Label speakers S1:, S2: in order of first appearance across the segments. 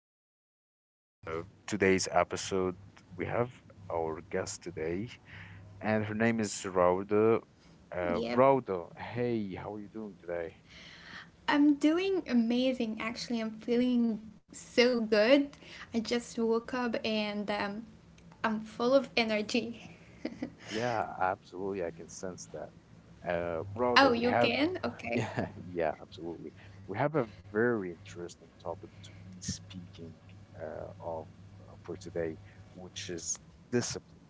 S1: we have uh, today's episode. We have our guest today, and her name is Rauda.
S2: Yeah,
S1: Rauda, hey, how are you doing today?
S2: I'm doing amazing. Actually, I'm feeling so good. I just woke up and I'm full of energy.
S1: Yeah, absolutely. I can sense that. Rauda,
S2: Oh,
S1: we
S2: you
S1: have,
S2: can? Okay.
S1: yeah, yeah, absolutely. We have a very interesting topic to be speaking of for today, which is discipline.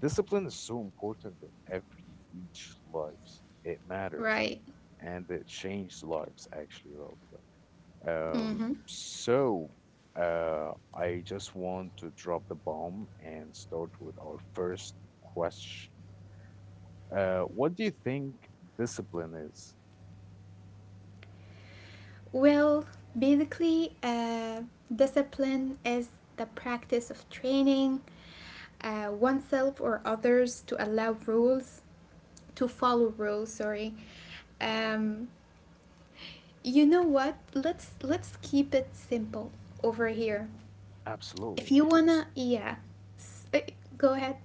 S1: Discipline is so important in every each lives. It matters
S2: Right.
S1: and it changed lives actually, Rhoda. Um,
S2: Mm-hmm.
S1: so I just want to drop the bomb and start with our first question. What do you think discipline is?
S2: Well, basically, discipline is the practice of training oneself or others to allow rules, to follow rules, sorry. Um, You know what? Let's keep it simple over here. If
S1: Absolutely.
S2: you
S1: S-
S2: wanna, yeah, S- uh, go ahead.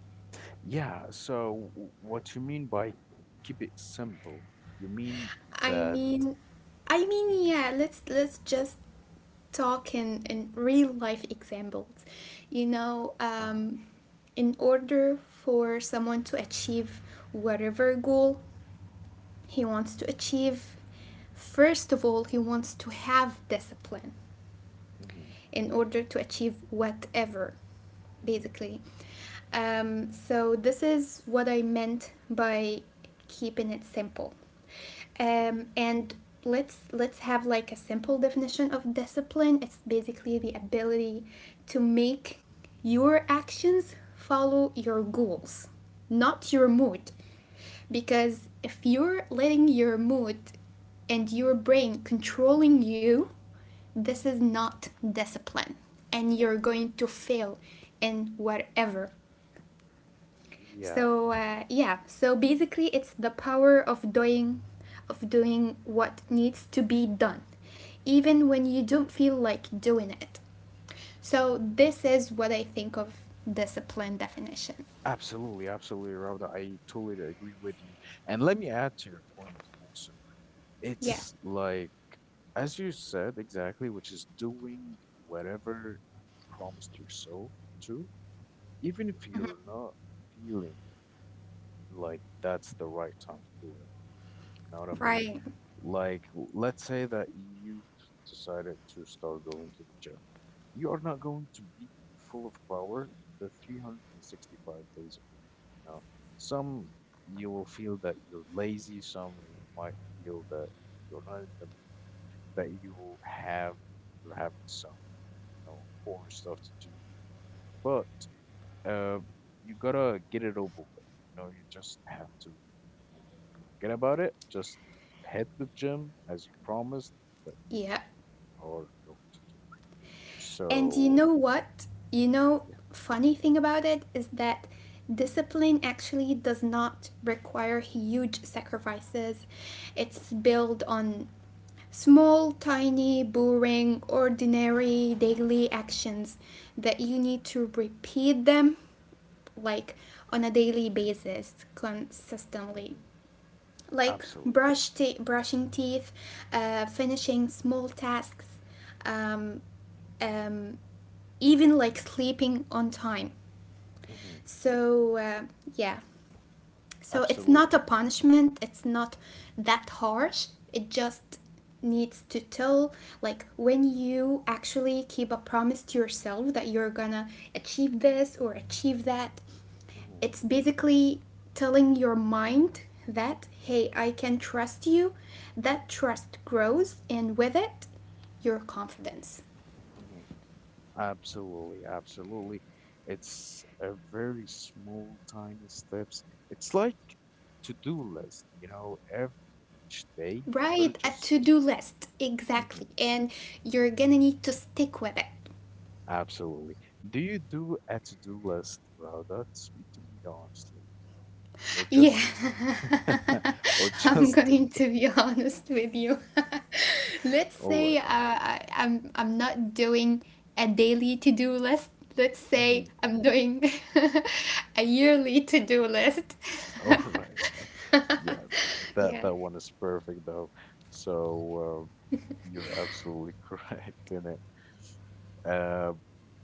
S1: Yeah, so what you mean by keep it simple? You mean
S2: I
S1: that
S2: mean, I mean,
S1: Mhm,
S2: yeah. Let's just talk in real life examples. You know,
S1: uh,
S2: in order for someone to achieve whatever goal he wants to achieve, first of all, he wants to have discipline.
S1: mhm,
S2: In order to achieve whatever,
S1: mhm,
S2: basically. So, this is what I meant by keeping it simple.
S1: mhm,
S2: And let's have like a simple definition of discipline. It's basically the ability to make your actions follow your goals, not your mood,
S1: mhm.
S2: because if you're letting your mood and your brain controlling you, this is not discipline, and you're going to fail in whatever.
S1: Yeah,
S2: So yeah, so basically it's the power of doing what needs to be done even when you don't feel like doing it.
S1: Mhm.
S2: So this is what I think of discipline definition.
S1: Absolutely, absolutely, Rauda. I totally agree with you. And let me add to your point also.
S2: Yeah.
S1: It's like, as you said exactly, which is doing whatever you promised yourself to, even if you're not feeling like that's the right time to do it. You know what I mean?
S2: Right.
S1: Like, let's say that you've decided to start going to the gym. You are not going to be full of power the 365 days of the year. You know, some you will feel that you're lazy, some you might feel that you're not in the mood, that you have you're having some, important stuff to do. But uh, you gotta get it over with. You know, you just have to know, forget about it. Just hit the gym as you promised that you
S2: Yeah.
S1: are going to do.
S2: And you
S1: So,
S2: know what? You
S1: mhm,
S2: know,
S1: yeah,
S2: funny thing about it is that discipline actually does not require huge sacrifices. It's built on small, tiny, boring, ordinary daily actions that you need to repeat them, like on a daily
S1: Mm-hmm.
S2: basis, consistently.
S1: Mm-hmm.
S2: Like
S1: absolutely,
S2: brushing teeth, finishing small tasks, um, um, even like sleeping on time.
S1: Mm-hmm.
S2: So, yeah. So it's
S1: absolutely,
S2: not a punishment, it's not that harsh. It just needs to tell, like, when you actually keep a promise to yourself that you're gonna achieve this or achieve that.
S1: Mm-hmm.
S2: It's basically telling your mind that, hey, I can trust you. That trust grows, and with it your confidence.
S1: Mm-hmm. absolutely, absolutely. It's a very small, tiny steps. It's like to-do list. You know, every each day you gotta
S2: Right, a
S1: just
S2: to do list.
S1: hmm.
S2: Exactly. And you're gonna need to stick with it.
S1: Absolutely. Do you do a to-do list, Rauda? Speak to me honestly, or
S2: Yeah,
S1: just, or
S2: I'm
S1: just.
S2: going to be honest with you. Let's
S1: All right.
S2: say I'm not doing a daily to-do list. Let's say
S1: Mm-hmm.
S2: I'm doing a yearly to-do list.
S1: All right. Yeah, that
S2: Yeah.
S1: that one is perfect though. So you're absolutely correct in it. Uh,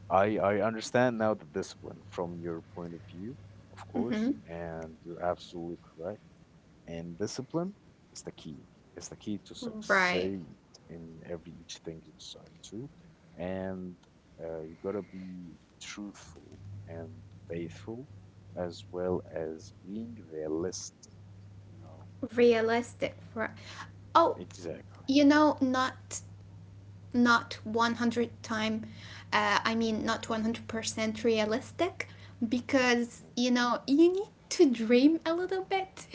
S1: I understand now the discipline from your point of view, of course,
S2: Hmm.
S1: and you're absolutely correct. And discipline is the key. It's the key to
S2: Right.
S1: succeed in every each thing you decide to. And you gotta be truthful and faithful, as well as being realistic. You know
S2: Realistic. Right. Oh,
S1: exactly.
S2: you know, not 100 time, I mean not 100% realistic, because
S1: Mhm.
S2: you know you need to dream a little bit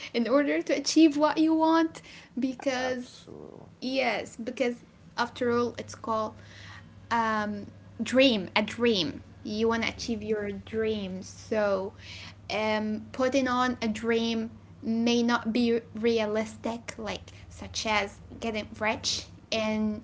S2: in order to achieve what you want, because
S1: Absolutely.
S2: yes, because after all it's called um, dream, a dream. You want to
S1: Hmm.
S2: achieve your dreams. So, putting on a dream may not be realistic, like such as getting
S1: Hmm.
S2: rich, and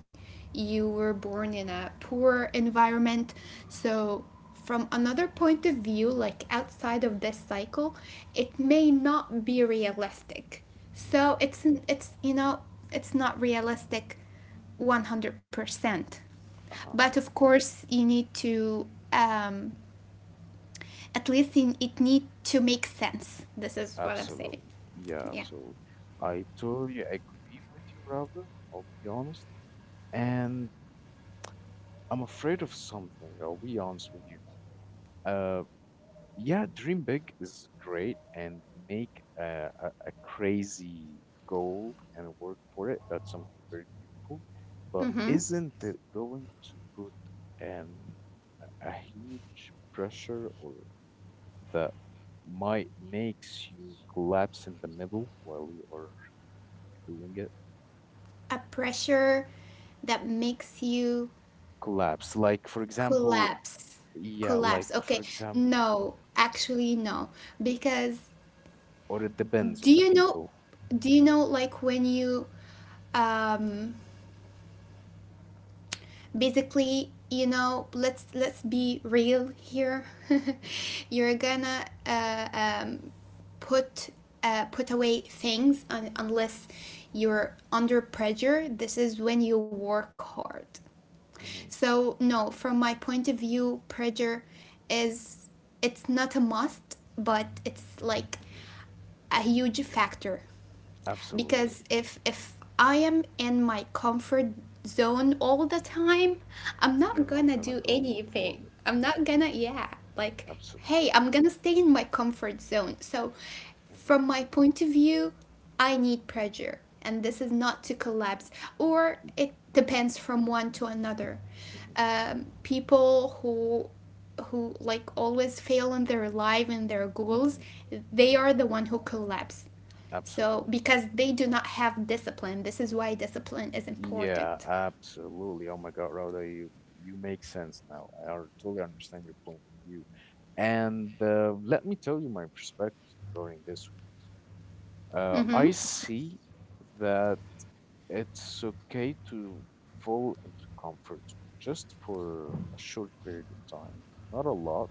S2: you were born in a poor environment.
S1: Hmm.
S2: So, from another point of view, like outside of this cycle, it may not be realistic. So
S1: Hmm.
S2: it's you know, it's not realistic, 100%.
S1: Uh-huh.
S2: But of course you need to um, at least, in, it need to make sense. This is what I'm saying.
S1: Absolutely. Yeah,
S2: Yeah.
S1: absolutely. I totally agree with you, Rauda. I'll be honest. And I'm afraid of something. I'll be honest with you. Uh, yeah, dream big is great and make a crazy goal and work for it. That's something very beautiful. But
S2: Mm-hmm.
S1: isn't it going to put an a huge pressure or that might makes you collapse in the middle while you are doing it?
S2: A pressure that makes you
S1: Collapse, like for example,
S2: collapse
S1: yeah, like
S2: collapse
S1: for
S2: okay,
S1: example, uh,
S2: no, actually, no, because
S1: or it depends
S2: do
S1: on the
S2: you know,
S1: people.
S2: like when you um basically, you know, let's be real here.
S1: Mm-hmm.
S2: You're gonna put put away things unless you're under pressure. This is when you work hard.
S1: Hmm.
S2: So, no, from my point of view, pressure is, it's not a must, but it's like
S1: Hmm.
S2: a huge factor,
S1: Absolutely.
S2: because if I am in my comfort zone all the time, I'm not
S1: You're not
S2: gonna
S1: gonna
S2: do
S1: go move
S2: anything.
S1: forward.
S2: I'm not
S1: Hmm.
S2: gonna, yeah, like,
S1: Absolutely.
S2: hey, I'm gonna stay in my comfort zone. So
S1: Hmm.
S2: from my point of view, I need pressure, and this is not to collapse, or it depends from one to another.
S1: Hmm.
S2: People who like always fail in their life and their goals,
S1: Hmm.
S2: they are the one who collapse, so
S1: Absolutely.
S2: because they do not have discipline. This is why discipline is
S1: Yeah,
S2: important.
S1: absolutely. Oh my God, Rhoda, you make sense now. I totally understand your point of view. And let me tell you my perspective regarding this.
S2: Mm-hmm.
S1: I see that it's okay to fall into comfort zone just for a short period of time, not a lot.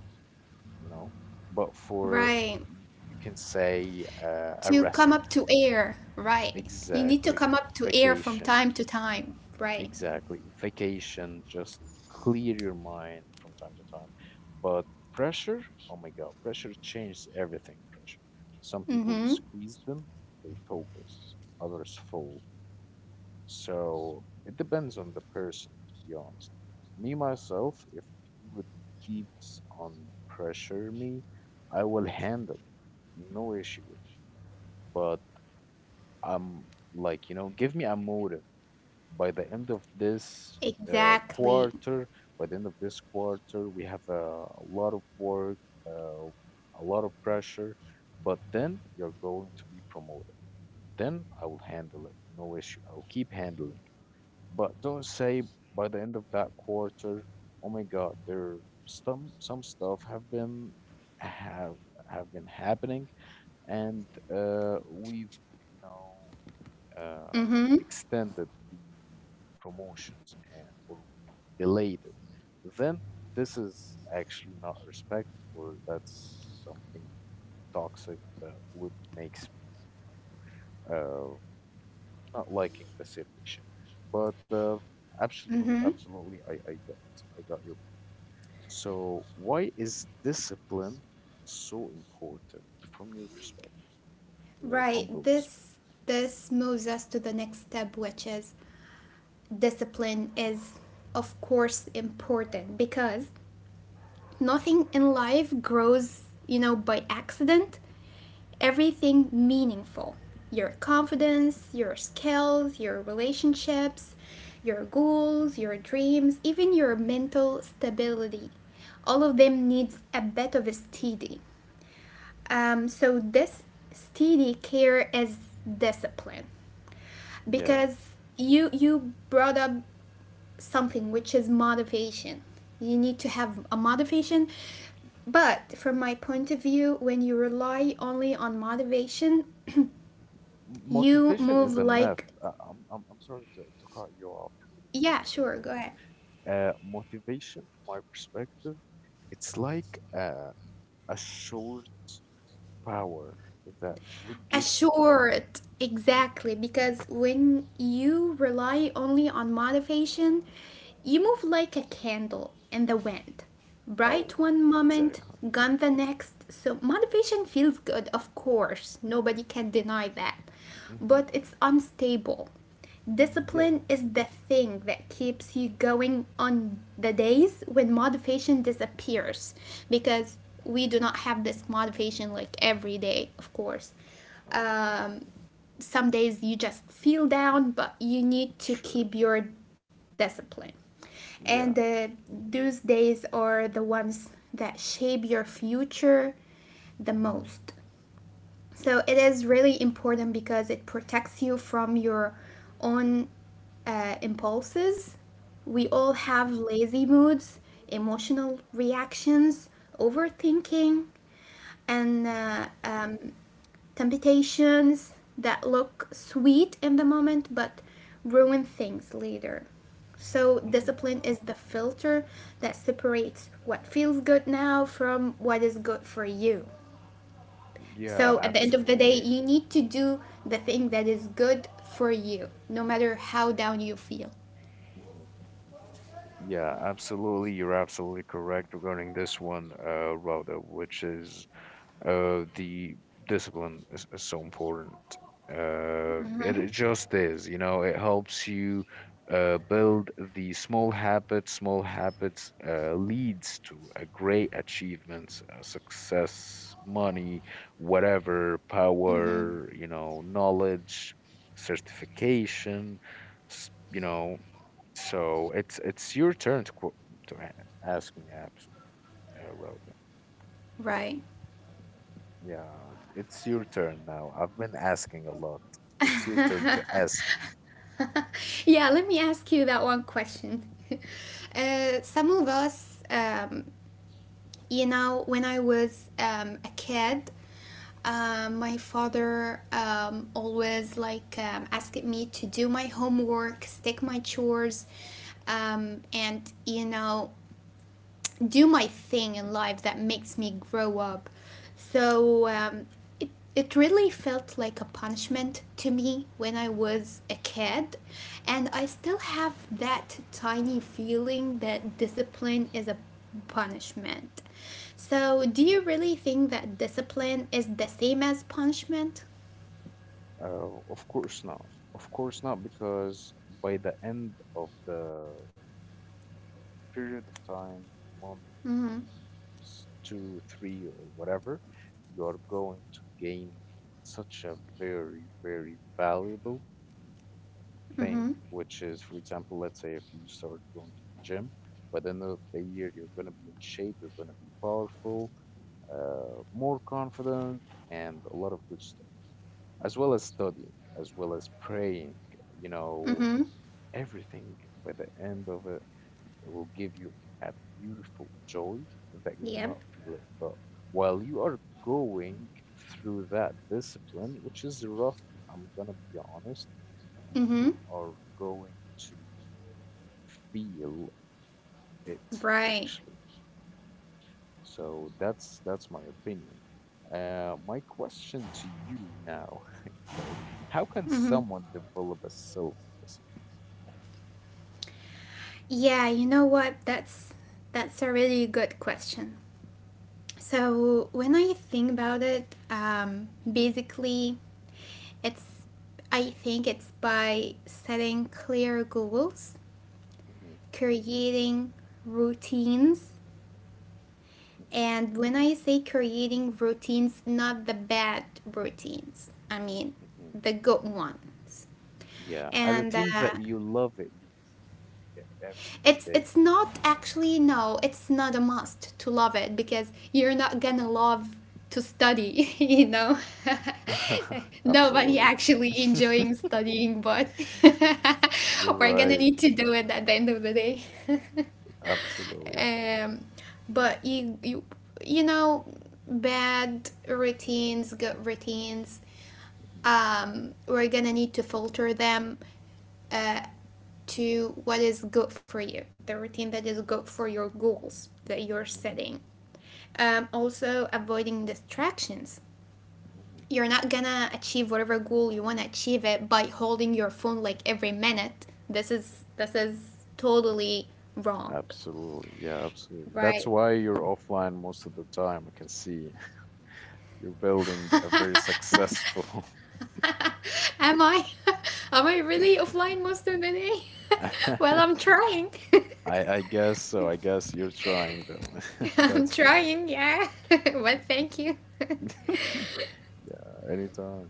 S1: You know. But for
S2: Right,
S1: you can say a
S2: to
S1: rest,
S2: come up to air, right? You need to
S1: exactly,
S2: come up to air from
S1: vacation,
S2: time to time, right?
S1: exactly, vacation. Just clear your mind from time to time. But pressure, oh my God, pressure changes everything. Pressure. Some people you
S2: Mm-hmm.
S1: squeeze them, they focus. Others fold. So it depends on the person, to be honest. Me myself, if you would keeps on pressure me, I will handle it. No issue with it. But I'm like, you know, give me a motive. By the end of this
S2: Exactly.
S1: quarter, by the end of this quarter, we have a lot of work, uh, a lot of pressure, but then you're going to be promoted. Then I will handle it. No issue. I'll keep handling. But don't say by the end of that quarter, oh my God, there some stuff have have been happening, and we've you know uh,
S2: Mm-hmm.
S1: extended the promotions or we've delayed it. Then this is actually not respect, or that's something toxic that would makes me you know. Not liking the situation. But absolutely,
S2: Mm-hmm.
S1: absolutely, I got your point. So why is discipline so important from your perspective, from your
S2: Right.
S1: humble perspective?
S2: This moves us to the next step, which is, discipline is of course important, because nothing in life grows, you know, by accident. Everything meaningful. Your
S1: Mhm.
S2: confidence, your skills, your relationships, your goals, your dreams, even your mental stability. All of them needs a bit of a steady. So, this steady care is discipline,
S1: Yeah,
S2: because you brought up something, which is motivation. You need to have a motivation. But from my point of view, when you rely only on motivation, you
S1: Motivation
S2: move
S1: is a myth.
S2: like,
S1: I'm sorry to cut you off really quick,
S2: yeah, sure, go
S1: Rhoda.
S2: ahead.
S1: Motivation, my perspective, it's like a short power that would gives you a.
S2: Assured, exactly,
S1: Mhm.
S2: because when you rely only on motivation you move like a candle in the wind,
S1: Oh,
S2: bright one moment,
S1: exactly.
S2: gone the next. So motivation feels good, of course, nobody can deny that, but
S1: Mm-hmm.
S2: it's unstable.
S1: Yep.
S2: Discipline is the thing that keeps you going on the days when motivation
S1: Mm-hmm.
S2: disappears, because we do not have this motivation like every day, of course.
S1: Oh my God.
S2: um,
S1: Mhm.
S2: some days you just feel down, but you need to
S1: Sure.
S2: keep your discipline, and
S1: Yeah.
S2: those days are the ones that shape your future the
S1: Mm-hmm.
S2: most. So it is really important because it protects you from your own impulses. We
S1: Mm-hmm.
S2: all have lazy moods, emotional reactions, overthinking, and
S1: Mm-hmm.
S2: temptations that look sweet in the moment but ruin things later. So,
S1: Mm-hmm.
S2: discipline is the filter that separates what feels good now from what is good for you.
S1: Yeah,
S2: So at the end of the day,
S1: absolutely.
S2: you need to do the thing that
S1: Mm-hmm.
S2: is good for you, no matter how down you feel,
S1: Mm-hmm. Yeah, absolutely. You're absolutely correct regarding this one, Rhoda, which is the discipline is so important. It just is, you know, it helps you build the small habits. Small habits leads to a great achievements, success, money, whatever, power, you know, knowledge, certification, you know. So it's your turn to ask me, apps, Raul.
S2: right?
S1: Yeah, it's your turn now. I've been asking a lot. It's your turn to ask me.
S2: Yeah, let me ask you that one question. Some of us, you know, when I was a kid, my father, always, like, asked me to do my homework, stick my chores, and, you know, do my thing in life that makes me grow up. So, it, it really felt like a punishment to me when I was a kid. And I still have that tiny feeling that discipline is a punishment. So, do you really think that discipline is the same as punishment?
S1: Of course not. Of course not, because by the end of the period of time,
S2: Mm
S1: months, two, three, or whatever, you are going to gain such a very, very valuable
S2: hmm. Mm hmm.
S1: thing, which is, for example, let's say if you start going to the gym, by the end of the year, you're going to be in shape, you're going to be powerful, more confident, and a lot of good stuff, as well as studying, as well as praying. You
S2: Mm
S1: know,
S2: hmm.
S1: everything by the end of it, it will give you a beautiful joy that you will
S2: Yep.
S1: not feel it. But while you are going through that discipline, which is rough, I'm gonna be honest,
S2: Mm-hmm.
S1: you are going to feel it
S2: Right.
S1: actually. So that's my opinion. My question to you now, okay, how can
S2: Mm-hmm.
S1: someone develop a self-discipline?
S2: Yeah, you know what? That's a really good question. So when I think about it, basically, it's I think it's by setting clear goals,
S1: Mm-hmm.
S2: creating routines.
S1: Mm-hmm.
S2: And when I say creating routines, not the bad routines, I mean
S1: Mm-hmm.
S2: the good ones.
S1: Yeah, a
S2: And
S1: routine that you love it, you enjoy doing it every each
S2: it's
S1: day
S2: it's not actually, no, it's not a must to love it, because you're not
S1: you meet.
S2: gonna love to study. You know.
S1: Uh-huh.
S2: Nobody
S1: Absolutely.
S2: actually enjoying studying, but
S1: You're
S2: we're gonna
S1: right.
S2: need to do it at the end of the day.
S1: Absolutely.
S2: um but you you know, bad routines, good routines,
S1: Hmm.
S2: we're gonna need to filter them, uh, to what is good for you, the routine that is good for your goals that you're
S1: Hmm.
S2: setting. Also, avoiding distractions.
S1: Hmm.
S2: You're not gonna achieve whatever goal you wanna achieve it by holding your phone like every minute. This is totally wrong,
S1: Absolutely. Yeah, absolutely. That's
S2: right?
S1: why you're offline most of the time, I can see. You're building a very successful.
S2: Am I, am I really offline most of the day? Well,
S1: I,
S2: I'm trying.
S1: I guess so. I guess you're trying though.
S2: I'm
S1: That's great.
S2: trying, yeah. Well, thank you.
S1: Yeah, anytime.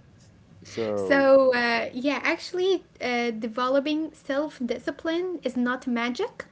S1: So,
S2: So, yeah, actually, developing self-discipline is not magic.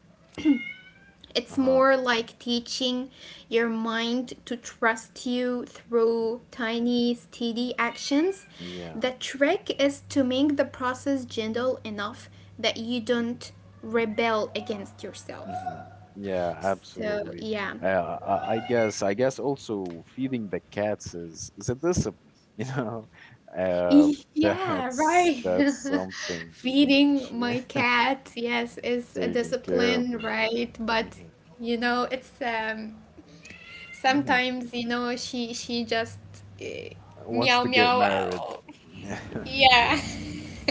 S2: It's
S1: uh-huh.
S2: more like teaching your mind to trust you through
S1: Mhm,
S2: tiny, steady actions.
S1: yeah.
S2: The trick is to make the process gentle enough that you don't
S1: Mm-hmm.
S2: rebel against yourself.
S1: Mm-hmm. Yeah,
S2: So,
S1: absolutely.
S2: yeah.
S1: I guess also feeding the cats is a discipline, you know. Uh,
S2: Yeah, right.
S1: that's something we
S2: Feeding
S1: should
S2: my cat, yes, is a
S1: taking care of
S2: discipline,
S1: her.
S2: right? But you know, it's um
S1: Hmm.
S2: Sometimes, you know, she just uh,
S1: Wants
S2: meow
S1: to get
S2: meow.
S1: married. Yeah,
S2: Yeah.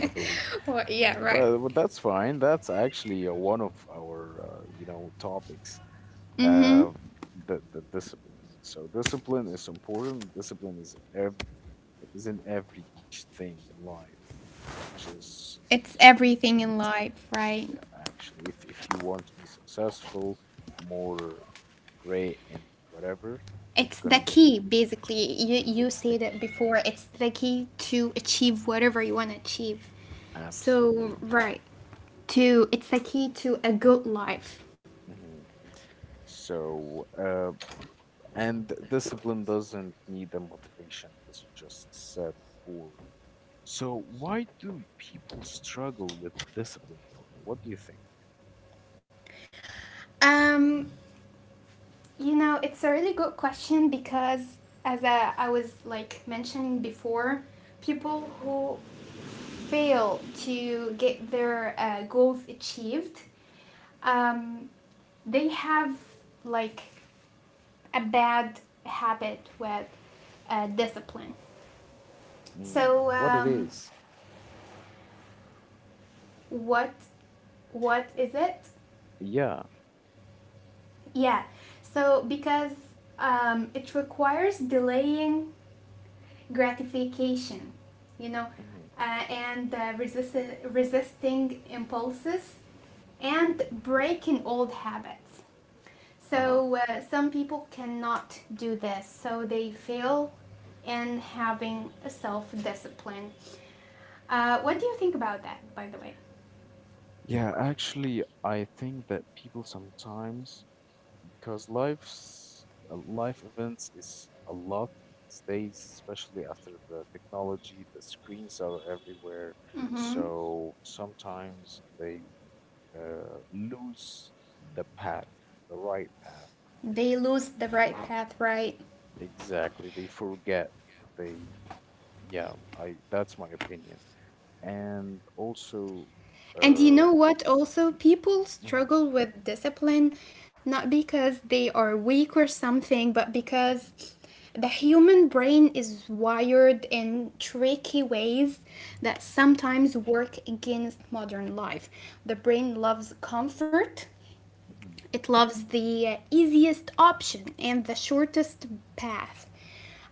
S1: I believe.
S2: Well, yeah, right.
S1: But that's fine. That's actually one of our, you know, topics.
S2: Mhm.
S1: Uh, the discipline. So discipline is important. Discipline is every is in every each thing in life, which is
S2: It's
S1: we need.
S2: everything in life, right?
S1: Yeah, actually, if you want to be successful, more great and whatever,
S2: It's
S1: you're
S2: the
S1: gonna be.
S2: key, basically. You
S1: It's the
S2: said it
S1: key.
S2: before. It's the key to achieve whatever you want to achieve. So,
S1: Absolutely.
S2: right. To, it's the key to a good life.
S1: Mm-hmm. So, and discipline doesn't need a motivation, as you just said before. So, why do people struggle with discipline, Rhoda? What do you think?
S2: Um You know, it's a really good question, because as I was like mentioning before, people who fail to get their goals achieved, um, they have like a bad habit with discipline.
S1: Mm,
S2: So,
S1: what it is?
S2: what is it?
S1: Yeah.
S2: Yeah. So because it requires delaying gratification, you know,
S1: Mm-hmm,
S2: and resisting impulses and
S1: mm-hmm,
S2: breaking old habits.
S1: uh-huh.
S2: So, some people cannot do this, so they fail in having a self-discipline. What do
S1: Hmm.
S2: you think about that, by the way?
S1: Yeah, actually, I think that people sometimes because life's life events is a lot these days, especially after the technology, the screens are everywhere.
S2: Mm-hmm.
S1: So sometimes they lose the path, the right path.
S2: They lose the right path, right?
S1: Exactly, they forget. They, yeah, I that's my opinion. And also,
S2: And you
S1: uh,
S2: know what, also, people
S1: mhm,
S2: struggle with discipline not because they are weak or something, but
S1: mhm,
S2: because the human brain is wired in tricky ways that
S1: mhm,
S2: sometimes work against modern life. The brain loves comfort,
S1: mhm,
S2: it loves the easiest option and the shortest path,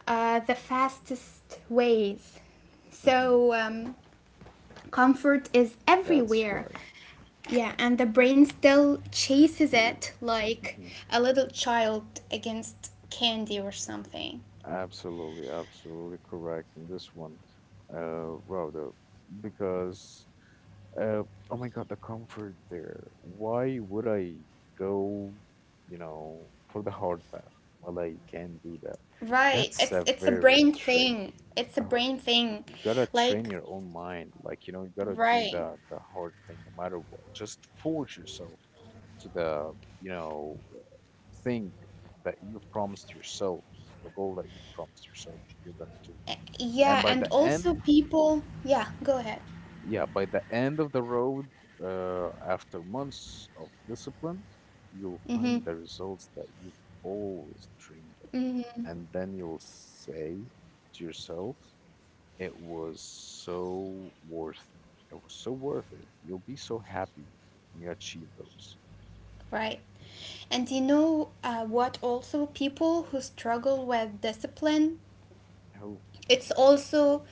S2: the fastest ways.
S1: mhm,
S2: So, comfort is
S1: that's
S2: everywhere.
S1: right.
S2: Yeah, and the brain still chases
S1: Ooh,
S2: it like
S1: mhm.
S2: a little child against candy or something.
S1: Absolutely, absolutely correct in this one, Rhoda, because uh, oh my God, the comfort there. Why would I go, you know, for the hard path? Well, I can do that.
S2: Right.
S1: That's
S2: It's
S1: a
S2: it's a
S1: very
S2: brain
S1: tricky.
S2: thing. It's a
S1: Uh,
S2: brain thing.
S1: you gotta train
S2: Like,
S1: your own mind, like you know, you gotta do
S2: right.
S1: the hard thing no matter what. Just force yourself to the you know uh, thing that you've promised yourself, the goal that you've promised yourself that you're gonna do.
S2: Yeah,
S1: And by
S2: and
S1: the end,
S2: also people, yeah,
S1: Mhm.
S2: go ahead.
S1: Yeah, by the end of the road, after months of discipline, you'll find
S2: Mhm.
S1: the results that you've always dreamed of,
S2: Mhm.
S1: and then you'll say to yourself, "It was so worth it. It was so worth it." You'll be so happy when you achieve those.
S2: Right. And what also people who struggle with discipline,
S1: Oh.
S2: it's also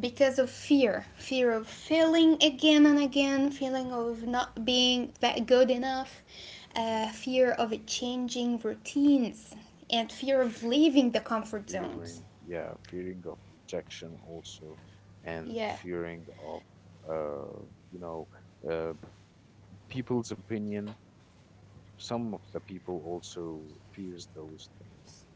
S2: because of fear of failing again and again, feeling of not being that good enough,
S1: Mhm.
S2: fear of changing routines, and fear of leaving the comfort
S1: Fearing,
S2: zones.
S1: yeah, fearing of rejection also, and
S2: Yeah.
S1: fearing of, uh, you know, uh, people's opinion. Some of the people also fears those things.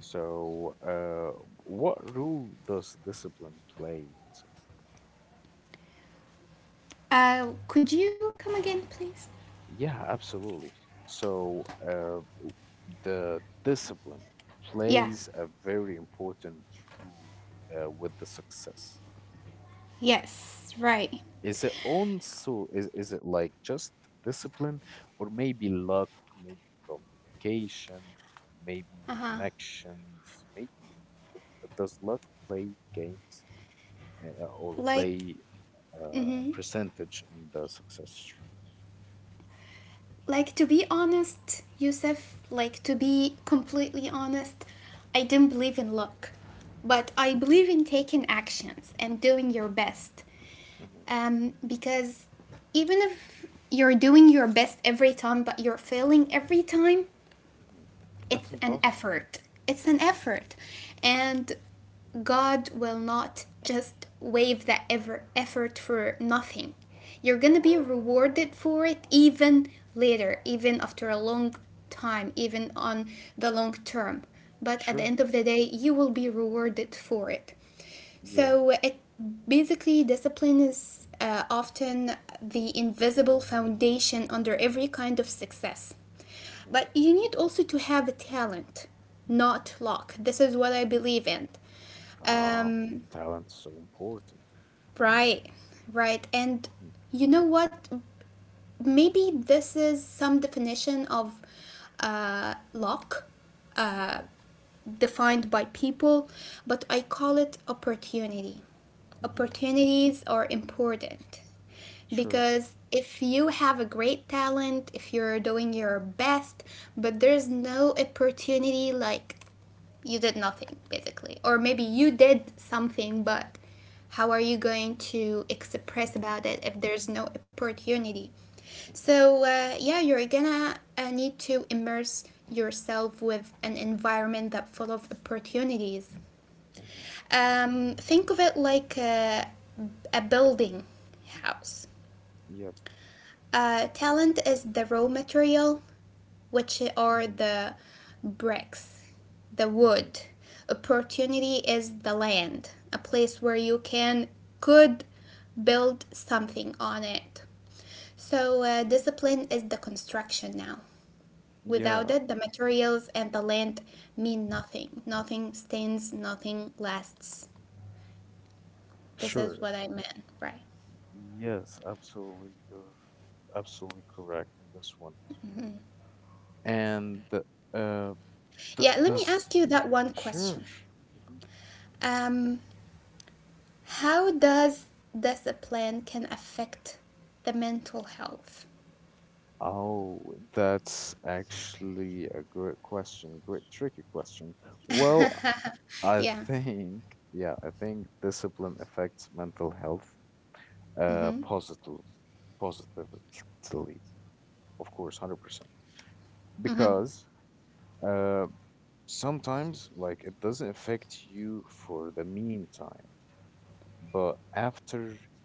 S1: So, what role does discipline play in success?
S2: Could you come again, please?
S1: Yeah, absolutely. So, the discipline
S2: Yeah.
S1: plays a very important role with the success.
S2: Yes. Right.
S1: Is it also is it like just discipline or maybe luck, maybe communication, maybe connections, maybe l- does luck play games or
S2: Like,
S1: play a
S2: mm-hmm.
S1: percentage in the success?
S2: Like to be honest, Youssef. Like to be completely honest, I didn't believe in luck, but I
S1: Hmm.
S2: believe in taking actions and doing your best.
S1: Hmm.
S2: Because even if you're doing your best every time, but you're failing every time,
S1: Hmm.
S2: it's
S1: That's
S2: an
S1: impossible.
S2: effort. It's an effort. And God will not just waive that ever effort for nothing. You're gonna be
S1: Hmm.
S2: rewarded for it, even later, even after a long time, even on the long term. But at the
S1: Sure.
S2: end of the day, you will be rewarded for it.
S1: Yeah.
S2: So it basically discipline is often the invisible foundation under every kind of success.
S1: Hmm. Hmm.
S2: But you need also to have a talent, not luck. This is what I believe in.
S1: Ah, and
S2: Um,
S1: talent's so important.
S2: right, right. And
S1: Hmm.
S2: you know what? Maybe this is some definition of luck
S1: Hmm.
S2: defined by people, but I call it opportunity.
S1: Hmm.
S2: Opportunities are important,
S1: Sure.
S2: because if you have a great talent, if you're doing your best, but there's no opportunity, like you did nothing basically, or
S1: Hmm.
S2: maybe you did something, but how are you going to express
S1: Hmm.
S2: about it if there's no opportunity?
S1: Hmm.
S2: So, yeah, you're gonna need to immerse yourself with an environment that full of opportunities.
S1: Hmm.
S2: Think of it like a building house.
S1: Yeah.
S2: Talent is the raw material, which are
S1: Hmm.
S2: the bricks, the
S1: Hmm.
S2: wood. Opportunity is the land, a place where you can could build something on it. So discipline is the construction now. Without
S1: Yeah,
S2: it, the materials and the land mean nothing. Nothing stands, nothing lasts. This is
S1: sure.
S2: what I meant, right?
S1: Yes, absolutely. You're absolutely correct in this one. And uh, th
S2: Yeah, let me
S1: does
S2: ask you that one
S1: sure.
S2: question.
S1: Hmm.
S2: Um, How does discipline can affect the mental health?
S1: Oh, that's actually a great question, great tricky question. Well, I
S2: Yeah.
S1: think, yeah, I think discipline affects mental health uh
S2: Mm-hmm.
S1: positive positively, of course, 100%.
S2: Mm-hmm.
S1: Because Uh, sometimes, like, it doesn't affect you for the meantime, but after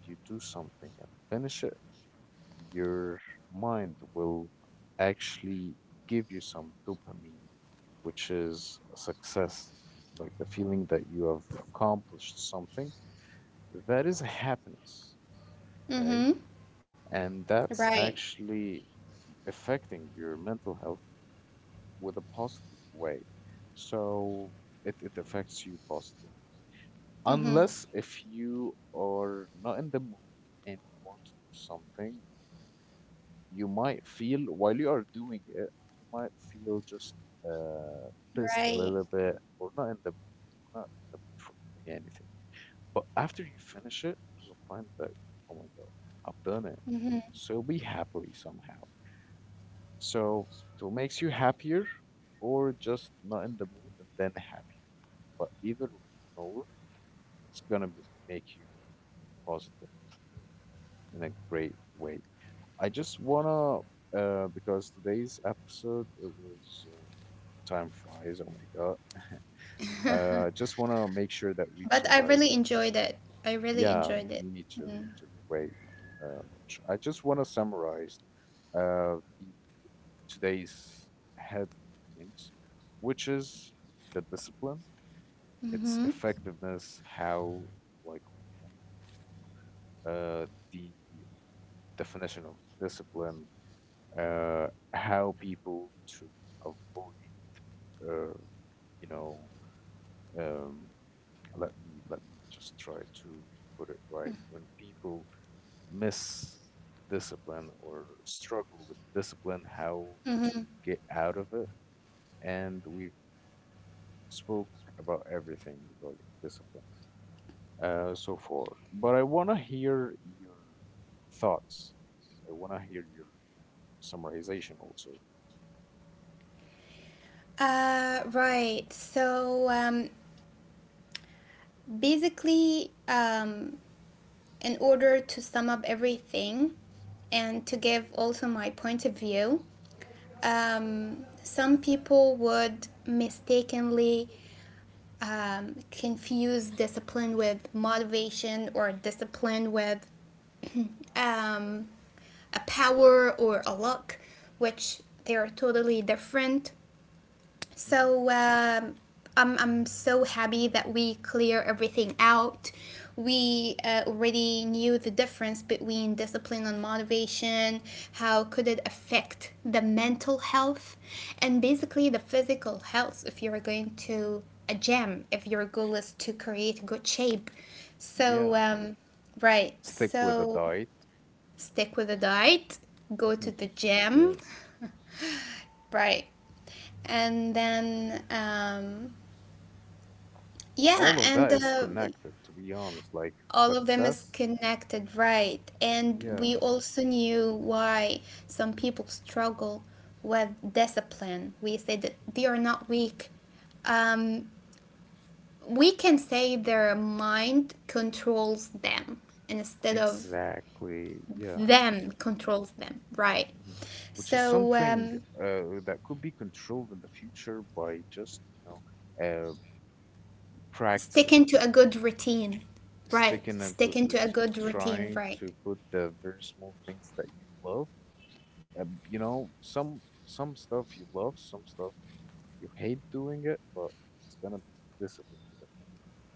S1: you do something and finish it, your mind will actually give you some dopamine, which is a success, like the feeling that you have accomplished something. That is happiness, okay?
S2: Mm-hmm.
S1: And that's
S2: Right.
S1: actually affecting your mental health with a positive way. So it affects you positive.
S2: Mm-hmm.
S1: Unless if you are not in the mood and you want to do something, you might feel while you are doing it, you might feel just uh, pissed a
S2: Right.
S1: little bit or not in the mood or not in the mood for doing anything. But after you finish it, you will find that, oh my God, I've done it.
S2: Mm-hmm.
S1: So be happily somehow. So it makes you happier or just not in the mood and then happier. But either nor, it's gonna be, make you positively in a great way. I just wanna, because today's episode, it was like time flies. Oh my God. I just wanna make sure that we've
S2: But I
S1: summarized.
S2: really enjoyed it. I really
S1: Yeah,
S2: enjoyed it.
S1: me too.
S2: Mm-hmm.
S1: Me too. Way much. I just want to summarize the today's head points, which is the discipline, its
S2: Mm-hmm.
S1: effectiveness, how like we knew uh, the definition of discipline, uh, how people to avoid, uh, you know, um, let me just try to put it right when people miss discipline or struggle with discipline, how
S2: Mm-hmm.
S1: to get out of it, and we've spoke about everything regarding discipline so far. But I want to hear your thoughts. Like, I want to hear your summarization also.
S2: Right. So basically, in order to sum up everything and to give also my point of view, some people would mistakenly confuse discipline with motivation or discipline with um, a power or a luck, which they are totally different.
S1: Hmm.
S2: So I'm so happy that we clear everything out. We already knew the difference between discipline and motivation. How could it affect the mental health, and
S1: Hmm.
S2: basically the physical health if you're going to a gym, if your goal is to create good shape.
S1: Yeah,
S2: So right,
S1: stick with a
S2: so
S1: diet.
S2: stick with the diet, go to the gym,
S1: Yes.
S2: right, and then. Yeah,
S1: All of that
S2: and
S1: is connected, to be honest. Like
S2: all of them is
S1: success,
S2: connected, right? And we
S1: yes.
S2: also knew why some people struggle with discipline. We said that
S1: Mhm.
S2: they are not weak. Um, we can say their mind controls them instead of
S1: Exactly. Yeah.
S2: them controls them, right?
S1: Mhm. Which is
S2: So
S1: something that could be controlled in the future by just, you know, uh,
S2: stick
S1: practicing,
S2: into a good routine, right?
S1: sticking a
S2: Stick
S1: good
S2: into a
S1: routine,
S2: good routine,
S1: trying
S2: right?
S1: to put the very small things that you love. You know, some stuff you love, some stuff you hate doing it, but it's gonna be discipline either.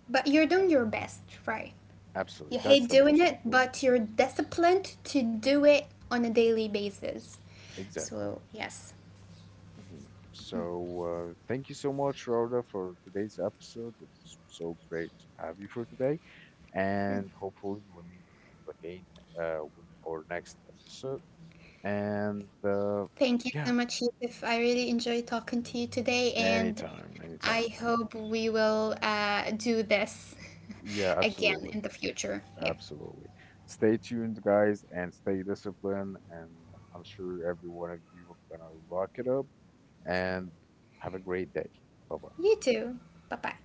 S2: But you're
S1: Way.
S2: doing your best, right? You
S1: Absolutely, that's
S2: hate
S1: the
S2: doing
S1: most
S2: it, but
S1: important.
S2: you're disciplined to do it on a daily basis.
S1: Exactly.
S2: So, yes.
S1: Mhm. So, thank you so much, Rhoda, for today's episode. It was so great to have you for today, and hopefully we'll meet with you again with our next episode. And
S2: Thank you
S1: yeah,
S2: so much, Yusuf. I really enjoyed talking to you today, and
S1: anytime, anytime.
S2: I hope we will do this
S1: Yeah,
S2: again
S1: absolutely,
S2: in the future. Yeah.
S1: absolutely. Stay tuned, guys, and stay disciplined. And I'm sure every one of you are gonna rock it up. And have a great day. Bye bye.
S2: You too. Bye bye.